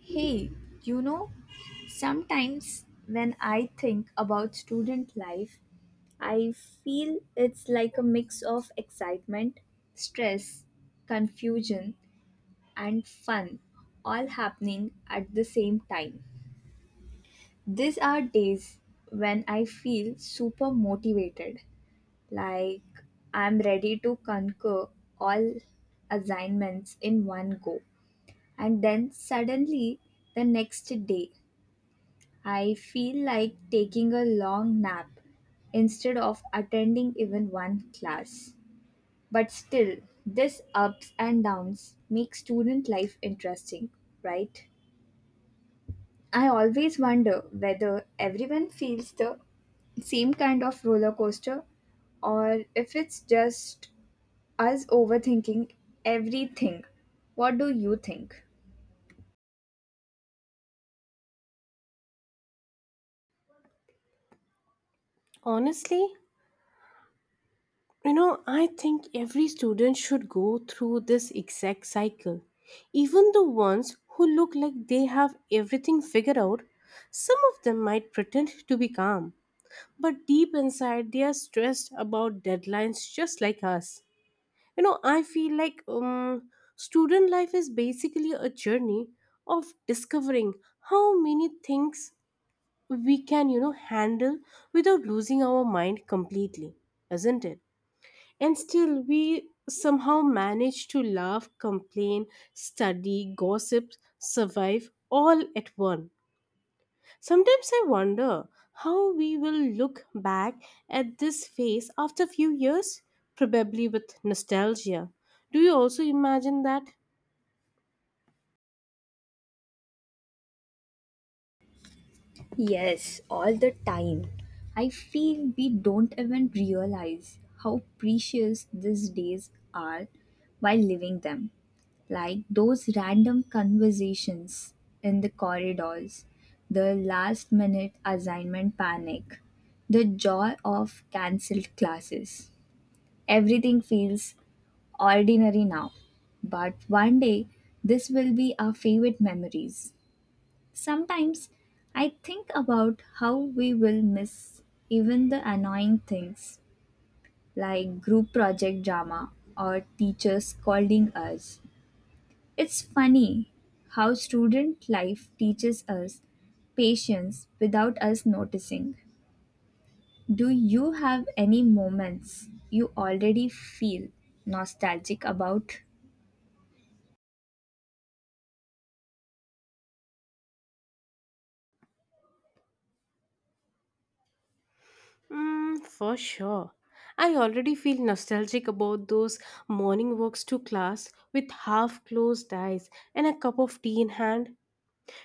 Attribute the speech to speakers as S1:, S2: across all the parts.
S1: Hey, you know, sometimes when I think about student life, I feel it's like a mix of excitement, stress, confusion, and fun all happening at the same time. These are days when I feel super motivated, like I'm ready to conquer all assignments in one go. And then suddenly the next day I feel like taking a long nap instead of attending even one class. But still, this ups and downs make student life interesting, right? I always wonder whether everyone feels the same kind of roller coaster or if it's just us overthinking everything. What do you think?
S2: Honestly, I think every student should go through this exact cycle. Even the ones who look like they have everything figured out, some of them might pretend to be calm, but deep inside they are stressed about deadlines just like us. I feel like student life is basically a journey of discovering how many things we can, handle without losing our mind completely, isn't it? And still, we somehow manage to laugh, complain, study, gossip, survive all at once. Sometimes I wonder how we will look back at this phase after a few years, probably with nostalgia. Do you also imagine that?
S1: Yes, all the time. I feel we don't even realize how precious these days are while living them. Like those random conversations in the corridors, the last minute assignment panic, the joy of cancelled classes. Everything feels ordinary now, but one day this will be our favorite memories. Sometimes I think about how we will miss even the annoying things like group project drama or teachers scolding us. It's funny how student life teaches us patience without us noticing. Do you have any moments you already feel nostalgic about?
S2: Mm, for sure. I already feel nostalgic about those morning walks to class with half closed eyes and a cup of tea in hand.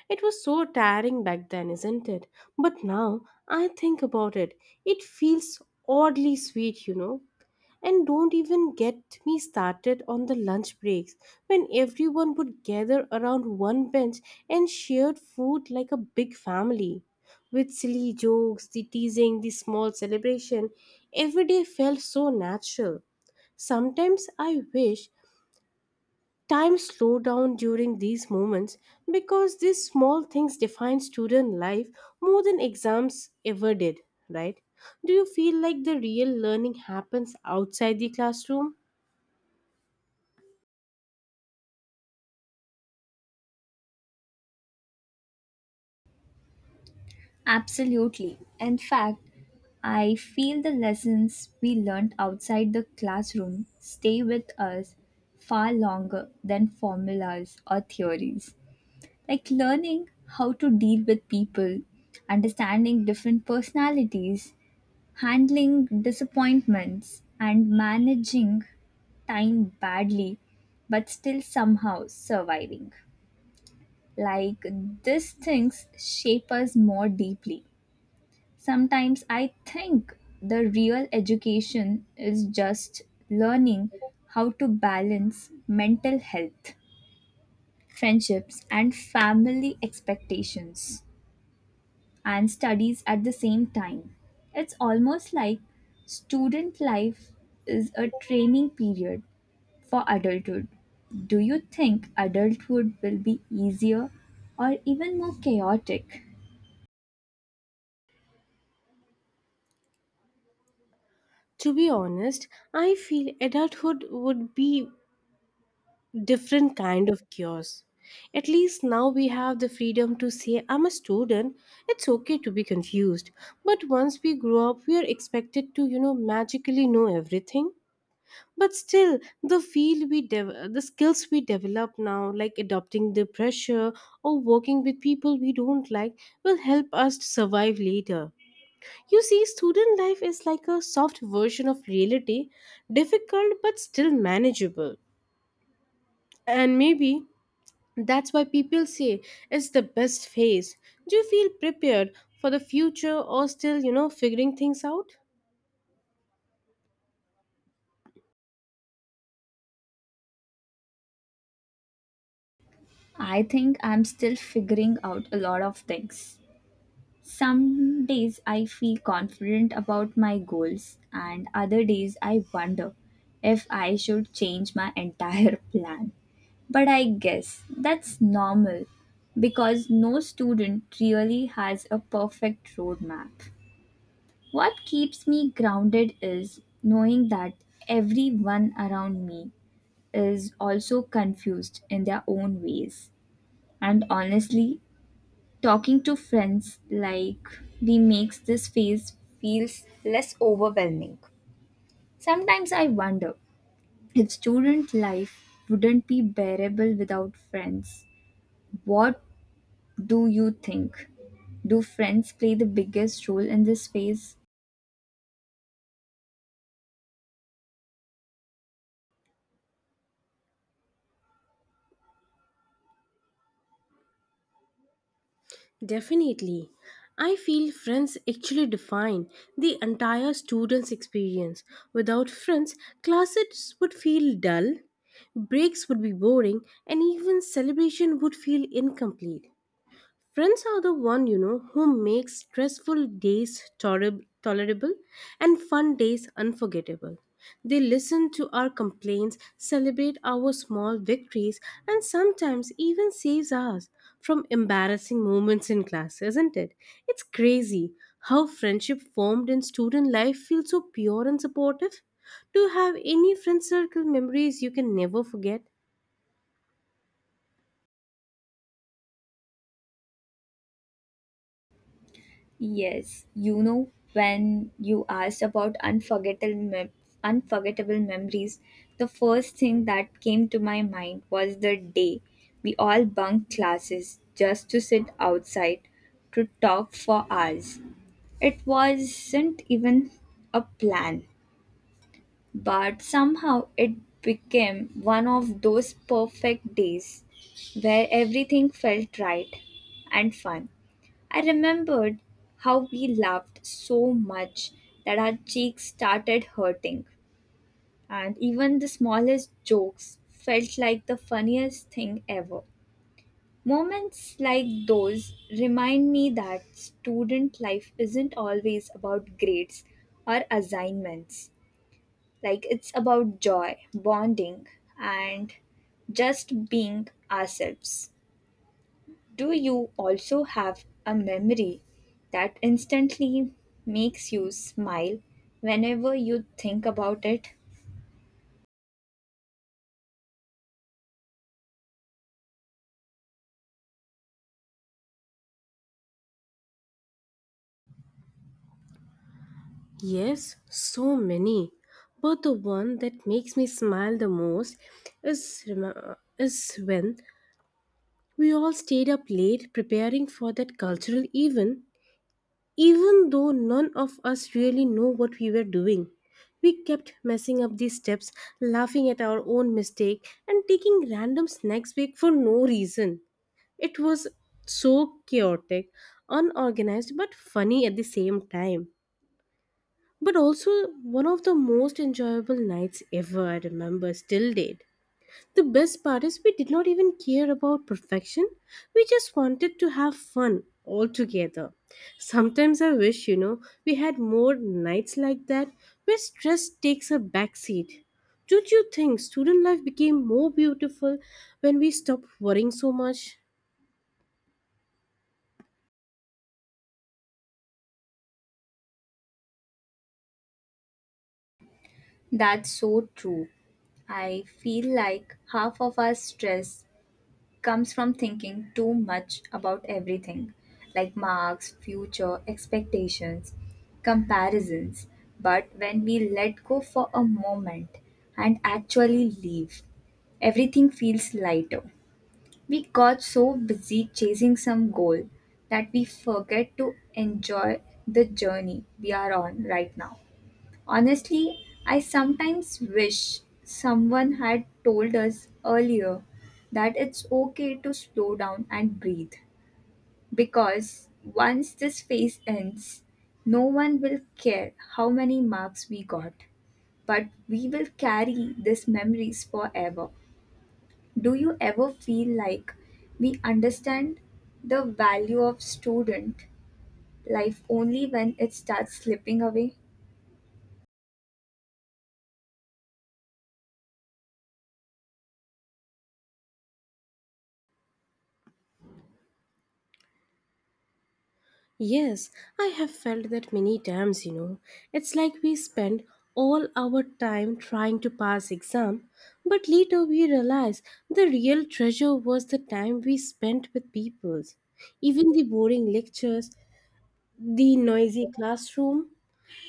S2: It was so tiring back then, isn't it? But now I think about it, it feels oddly sweet. And don't even get me started on the lunch breaks when everyone would gather around one bench and shared food like a big family. With silly jokes, the teasing, the small celebration, every day felt so natural. Sometimes I wish Time slow down during these moments because these small things define student life more than exams ever did, right? Do you feel like the real learning happens outside the classroom?
S1: Absolutely. In fact, I feel the lessons we learned outside the classroom stay with us far longer than formulas or theories. Like learning how to deal with people, understanding different personalities, handling disappointments, and managing time badly but still somehow surviving. Like these things shape us more deeply. Sometimes I think the real education is just learning how to balance mental health, friendships, and family expectations and studies at the same time. It's almost like student life is a training period for adulthood. Do you think adulthood will be easier or even more chaotic?
S2: To be honest, I feel adulthood would be different kind of chaos. At least now we have the freedom to say I'm a student. It's okay to be confused. But once we grow up, we are expected to, magically know everything. But still the skills we develop now like adopting the pressure or working with people we don't like will help us to survive later. You see student life is like a soft version of reality, difficult but still manageable, and maybe that's why people say it's the best phase. Do you feel prepared for the future or still figuring things out?
S1: I think I'm still figuring out a lot of things. Some days I feel confident about my goals, and other days I wonder if I should change my entire plan. But I guess that's normal because no student really has a perfect roadmap. What keeps me grounded is knowing that everyone around me is also confused in their own ways. And honestly, talking to friends like we makes this phase feels less overwhelming. Sometimes I wonder if student life wouldn't be bearable without friends. What do you think? Do friends play the biggest role in this phase?
S2: Definitely. I feel friends actually define the entire student's experience. Without friends, classes would feel dull, breaks would be boring, and even celebration would feel incomplete. Friends are the one who make stressful days tolerable and fun days unforgettable. They listen to our complaints, celebrate our small victories, and sometimes even saves us from embarrassing moments in class, isn't it? It's crazy how friendship formed in student life feels so pure and supportive. Do you have any friend circle memories you can never forget?
S1: Yes, you know, when you asked about unforgettable memories, the first thing that came to my mind was the day we all bunked classes just to sit outside to talk for hours. It wasn't even a plan, but somehow it became one of those perfect days where everything felt right and fun. I remembered how we laughed so much that our cheeks started hurting, and even the smallest jokes felt like the funniest thing ever. Moments like those remind me that student life isn't always about grades or assignments. Like, it's about joy, bonding, and just being ourselves. Do you also have a memory that instantly makes you smile whenever you think about it?
S2: Yes, so many. But the one that makes me smile the most is when we all stayed up late preparing for that cultural event, even though none of us really know what we were doing. We kept messing up these steps, laughing at our own mistake, and taking random snacks break for no reason. It was so chaotic, unorganized, but funny at the same time, but also one of the most enjoyable nights ever I remember still date. The best part is we did not even care about perfection. We just wanted to have fun all together. Sometimes I wish, we had more nights like that where stress takes a backseat. Don't you think student life became more beautiful when we stopped worrying so much?
S1: That's so true. I feel like half of our stress comes from thinking too much about everything, like marks, future, expectations, comparisons. But when we let go for a moment and actually leave, everything feels lighter. We got so busy chasing some goal that we forget to enjoy the journey we are on right now. Honestly, I sometimes wish someone had told us earlier that it's okay to slow down and breathe because once this phase ends, no one will care how many marks we got, but we will carry these memories forever. Do you ever feel like we understand the value of student life only when it starts slipping away?
S2: Yes, I have felt that many times. It's like we spend all our time trying to pass exam, but later we realize the real treasure was the time we spent with people. Even the boring lectures, the noisy classroom,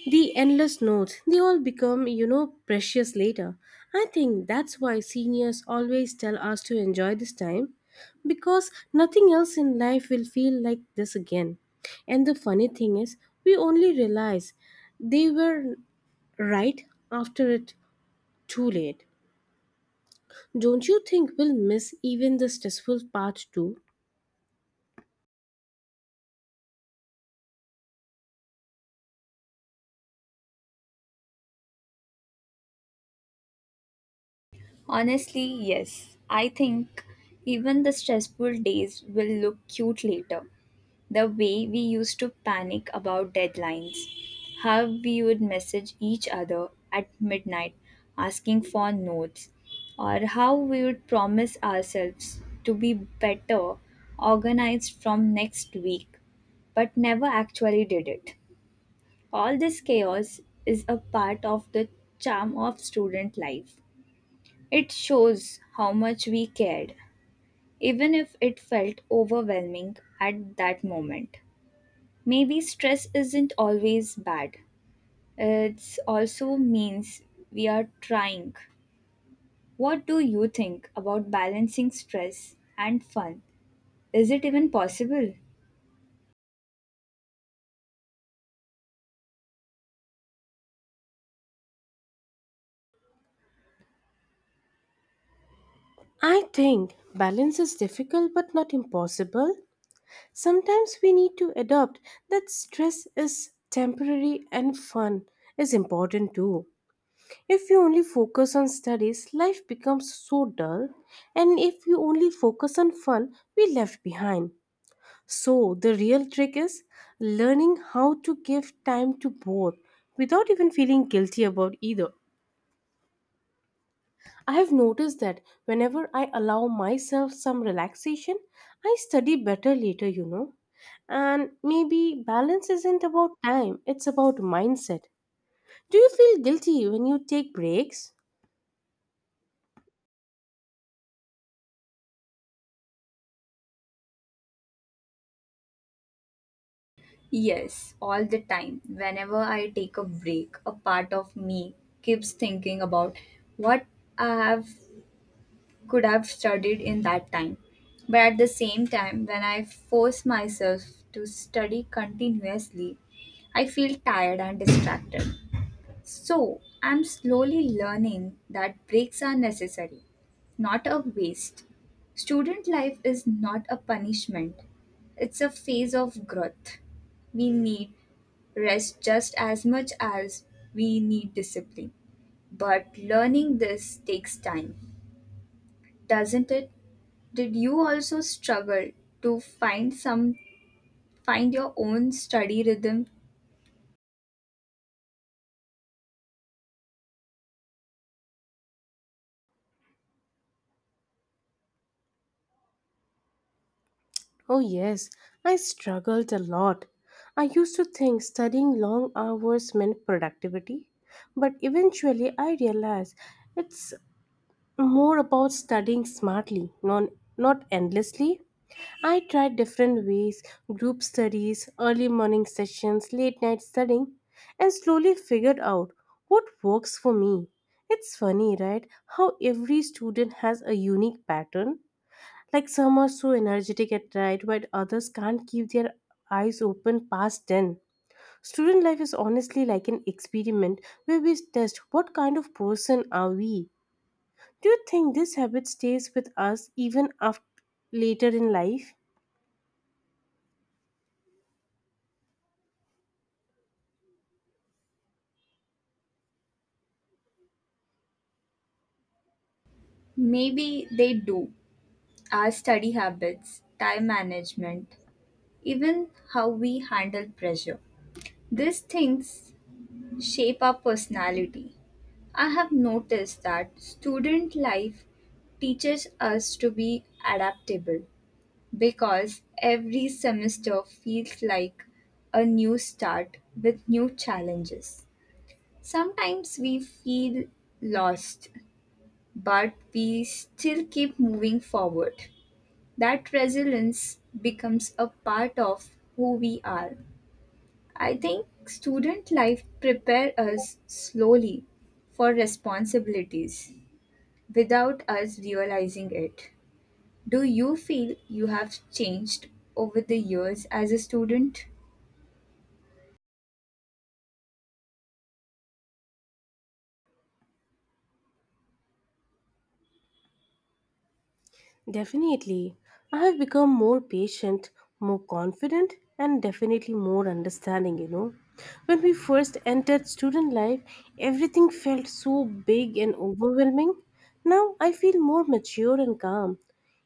S2: the endless notes, they all become, precious later. I think that's why seniors always tell us to enjoy this time because nothing else in life will feel like this again. And the funny thing is, we only realize they were right after it too late. Don't you think we'll miss even the stressful part too?
S1: Honestly, yes. I think even the stressful days will look cute later. The way we used to panic about deadlines, how we would message each other at midnight asking for notes, or how we would promise ourselves to be better organized from next week, but never actually did it. All this chaos is a part of the charm of student life. It shows how much we cared, even if it felt overwhelming at that moment. Maybe stress isn't always bad, it also means we are trying. What do you think about balancing stress and fun? Is it even possible?
S2: I think balance is difficult but not impossible. Sometimes we need to adopt that stress is temporary and fun is important too. If you only focus on studies, life becomes so dull, and if you only focus on fun, we left behind. So, the real trick is learning how to give time to both without even feeling guilty about either. I have noticed that whenever I allow myself some relaxation, I study better later. And maybe balance isn't about time, it's about mindset. Do you feel guilty when you take breaks?
S1: Yes, all the time. Whenever I take a break, a part of me keeps thinking about what I have could have studied in that time. But at the same time, when I force myself to study continuously, I feel tired and distracted. So, I'm slowly learning that breaks are necessary, not a waste. Student life is not a punishment, it's a phase of growth. We need rest just as much as we need discipline. But learning this takes time, doesn't it? Did you also struggle to find your own study rhythm?
S2: Oh, yes, I struggled a lot. I used to think studying long hours meant productivity, but eventually I realized it's more about studying smartly, not endlessly. I tried different ways group studies, early morning sessions, late night studying, and slowly figured out what works for me. It's funny, right? How every student has a unique pattern. Like some are so energetic at night, while others can't keep their eyes open past 10. Student life is honestly like an experiment where we test what kind of person are we. Do you think this habit stays with us even after later in life?
S1: Maybe they do. Our study habits, time management, even how we handle pressure. These things shape our personality. I have noticed that student life teaches us to be adaptable because every semester feels like a new start with new challenges. Sometimes we feel lost, but we still keep moving forward. That resilience becomes a part of who we are. I think student life prepare us slowly for responsibilities without us realizing it. Do you feel you have changed over the years as a student?
S2: Definitely. I have become more patient, more confident, and definitely more understanding. When we first entered student life, everything felt so big and overwhelming. Now I feel more mature and calm.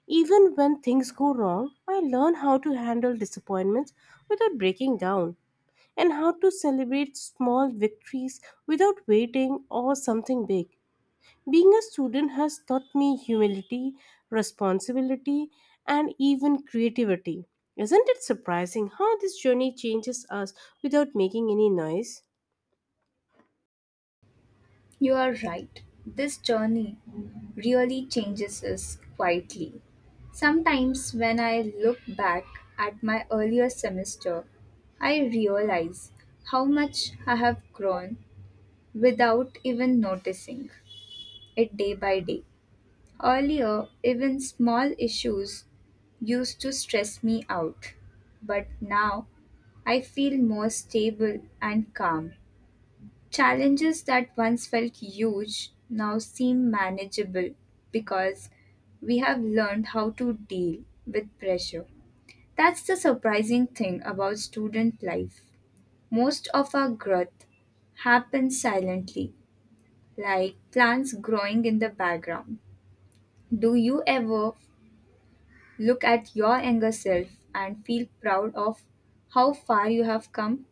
S2: Even when things go wrong, I learn how to handle disappointments without breaking down and how to celebrate small victories without waiting or something big. Being a student has taught me humility, responsibility, and even creativity. Isn't it surprising how this journey changes us without making any noise?
S1: You are right. This journey really changes us quietly. Sometimes, when I look back at my earlier semester, I realize how much I have grown without even noticing it day by day. Earlier, even small issues used to stress me out, but now I feel more stable and calm. Challenges that once felt huge now seem manageable because we have learned how to deal with pressure. That's the surprising thing about student life. Most of our growth happens silently, like plants growing in the background. Do you ever look at your younger self and feel proud of how far you have come?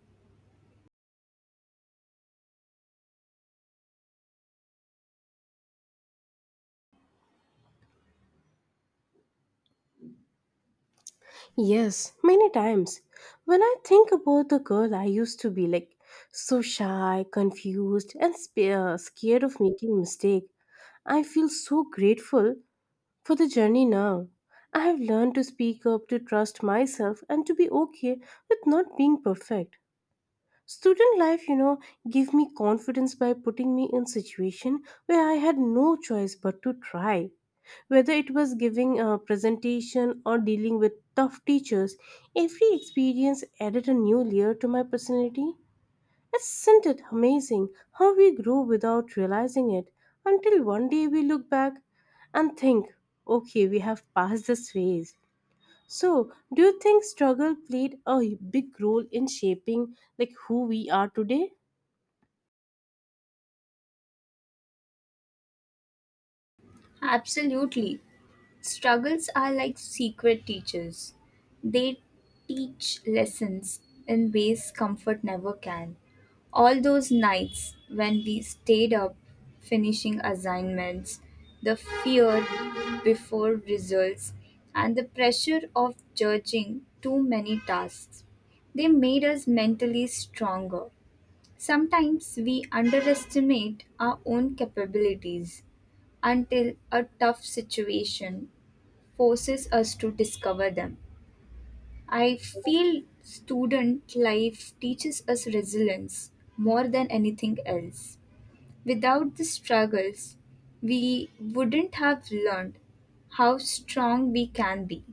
S2: Yes, many times. When I think about the girl I used to be, like so shy, confused, and scared of making mistake, I feel so grateful for the journey now. I have learned to speak up, to trust myself, and to be okay with not being perfect. Student life, gave me confidence by putting me in situation where I had no choice but to try. Whether it was giving a presentation or dealing with tough teachers, every experience added a new layer to my personality. Isn't it amazing how we grow without realizing it until one day we look back and think, okay, we have passed this phase. So, do you think struggle played a big role in shaping like who we are today?
S1: Absolutely. Struggles are like secret teachers. They teach lessons in ways comfort never can. All those nights when we stayed up finishing assignments, the fear before results, and the pressure of judging too many tasks, they made us mentally stronger. Sometimes we underestimate our own capabilities until a tough situation forces us to discover them. I feel student life teaches us resilience more than anything else. Without the struggles, we wouldn't have learned how strong we can be.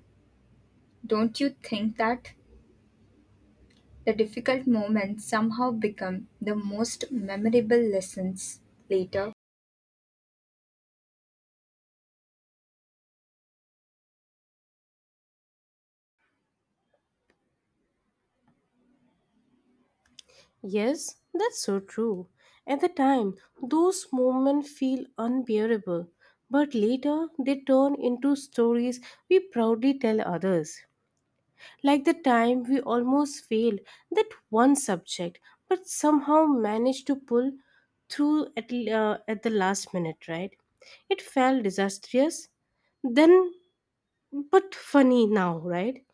S1: Don't you think that the difficult moments somehow become the most memorable lessons later?
S2: Yes, that's so true. At the time, those moments feel unbearable, but later they turn into stories we proudly tell others. Like the time we almost failed that one subject, but somehow managed to pull through at the last minute, right? It felt disastrous, then But funny now, right?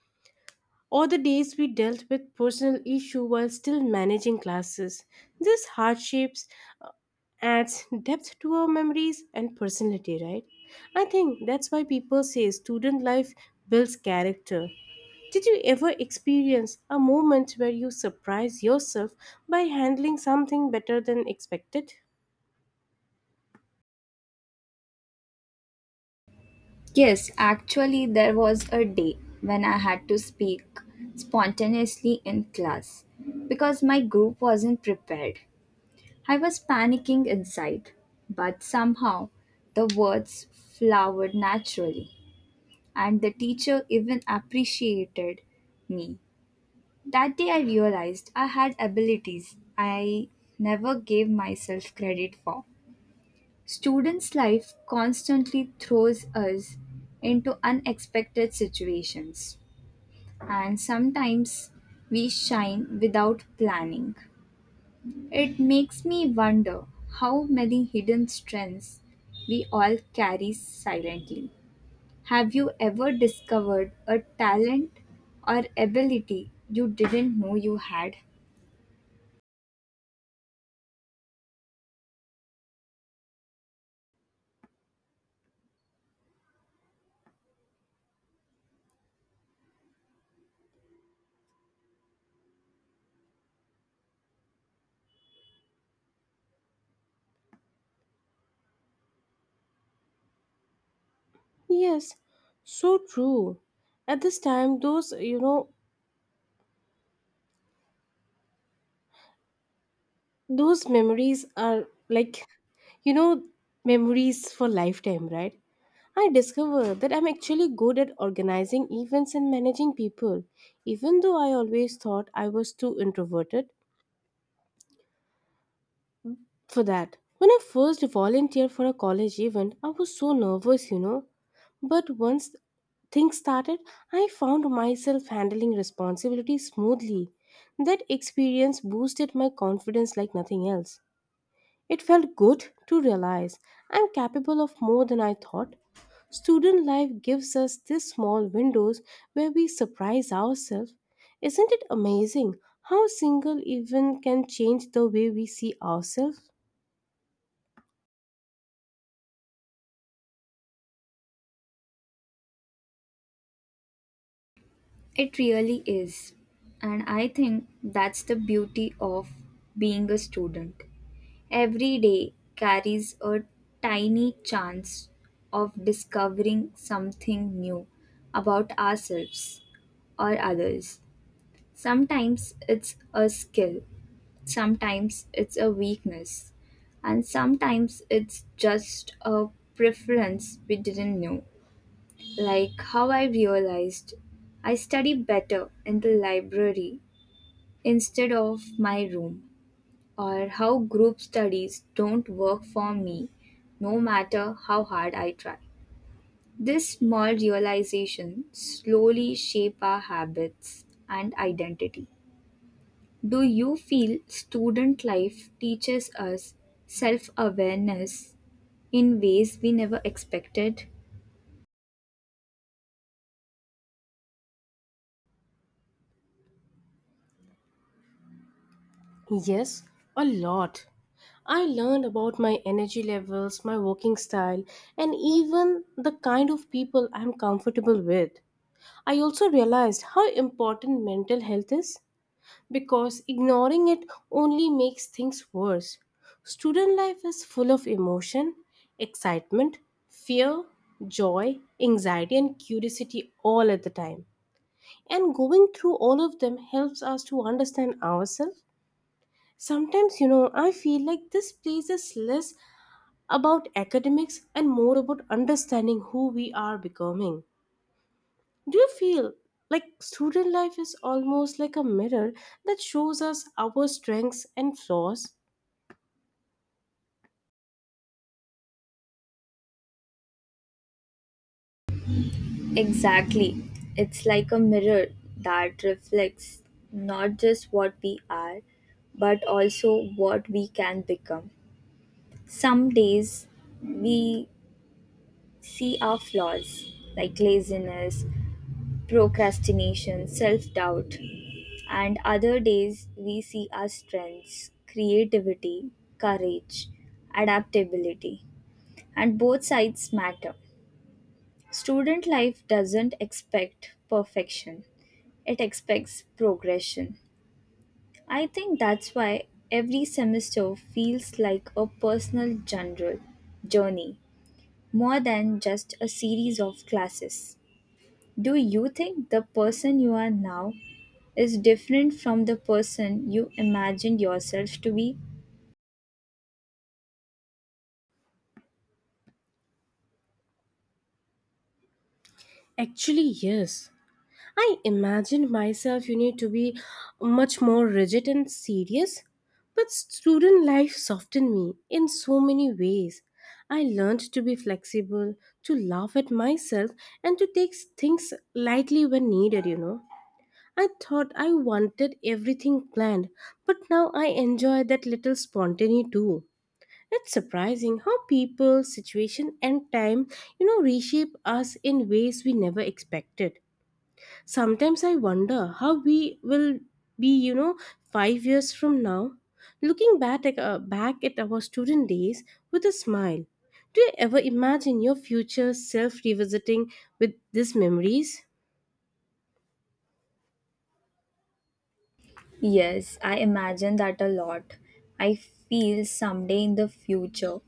S2: Or the days we dealt with personal issue while still managing classes. These hardships adds depth to our memories and personality, right? I think that's why people say student life builds character. Did you ever experience a moment where you surprise yourself by handling something better than expected?
S1: Yes, actually, there was a day when I had to speak spontaneously in class because my group wasn't prepared. I was panicking inside, but somehow the words flowered naturally, and the teacher even appreciated me. That day, I realized I had abilities I never gave myself credit for. Students' life constantly throws us into unexpected situations, and sometimes we shine without planning. It makes me wonder how many hidden strengths we all carry silently. Have you ever discovered a talent or ability you didn't know you had?
S2: Yes, so true. At this time, those memories are like you know memories for lifetime, right. I discovered that I'm actually good at organizing events and managing people, even though I always thought I was too introverted for that. When I first volunteered for a college event I was so nervous, but once things started I found myself handling responsibilities smoothly. That experience boosted my confidence like nothing else. It felt good to realize I'm capable of more than I thought. Student life gives us these small windows where we surprise ourselves. Isn't it amazing how a single event can change the way we see ourselves?
S1: It really is. And I think that's the beauty of being a student. Every day carries a tiny chance of discovering something new about ourselves or others. Sometimes it's a skill, sometimes it's a weakness, and sometimes it's just a preference we didn't know. Like how I realized I study better in the library instead of my room or how group studies don't work for me no matter how hard I try. This small realization slowly shape our habits and identity. Do you feel student life teaches us self-awareness in ways we never expected?
S2: Yes, a lot. I learned about my energy levels, my working style, and even the kind of people I'm comfortable with. I also realized how important mental health is, because ignoring it only makes things worse. Student life is full of emotion, excitement, fear, joy, anxiety, and curiosity all at the time. And going through all of them helps us to understand ourselves. Sometimes, I feel like this place is less about academics and more about understanding who we are becoming. Do you feel like student life is almost like a mirror that shows us our strengths and flaws?
S1: Exactly. It's like a mirror that reflects not just what we are, but also what we can become. Some days we see our flaws like laziness, procrastination, self doubt, and other days we see our strengths, creativity, courage, adaptability, and both sides matter. Student life doesn't expect perfection, it expects progression. I think that's why every semester feels like a personal general journey more than just a series of classes. Do you think the person you are now is different from the person you imagined yourself to be?
S2: Actually, yes. I imagined myself, you need to be much more rigid and serious. But student life softened me in so many ways. I learned to be flexible, to laugh at myself, and to take things lightly when needed. I thought I wanted everything planned, but now I enjoy that little spontaneity too. It's surprising how people, situation, and time, reshape us in ways we never expected. Sometimes I wonder how we will be 5 years from now, looking back back at our student days with a smile. Do you ever imagine your future self revisiting with these memories?
S1: Yes, I imagine that a lot. I feel someday in the future,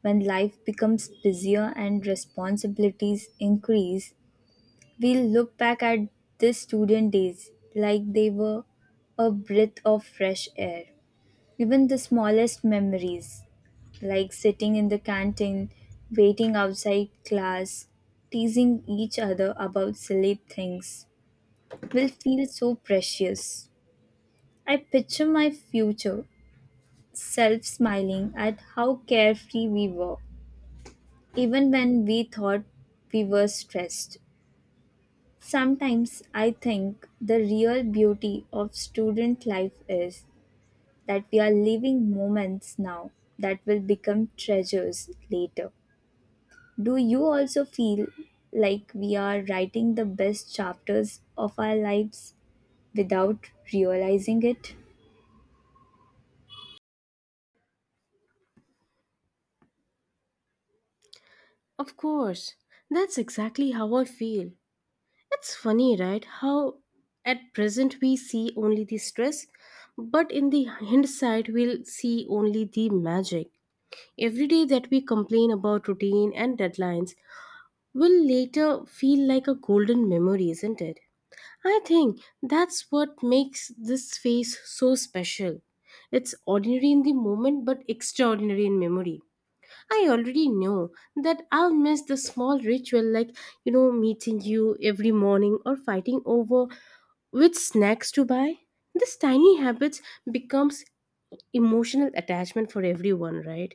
S1: when life becomes busier and responsibilities increase, we'll look back at these student days like they were a breath of fresh air. Even the smallest memories, like sitting in the canteen, waiting outside class, teasing each other about silly things, will feel so precious. I picture my future self smiling at how carefree we were, even when we thought we were stressed. Sometimes I think the real beauty of student life is that we are living moments now that will become treasures later. Do you also feel like we are writing the best chapters of our lives without realizing it?
S2: Of course, that's exactly how I feel. It's funny, right? How at present we see only the stress, but in the hindsight, we'll see only the magic. Every day that we complain about routine and deadlines will later feel like a golden memory, isn't it? I think that's what makes this phase so special. It's ordinary in the moment, but extraordinary in memory. I already know that I'll miss the small ritual like, meeting you every morning or fighting over which snacks to buy. This tiny habits becomes emotional attachment for everyone, right?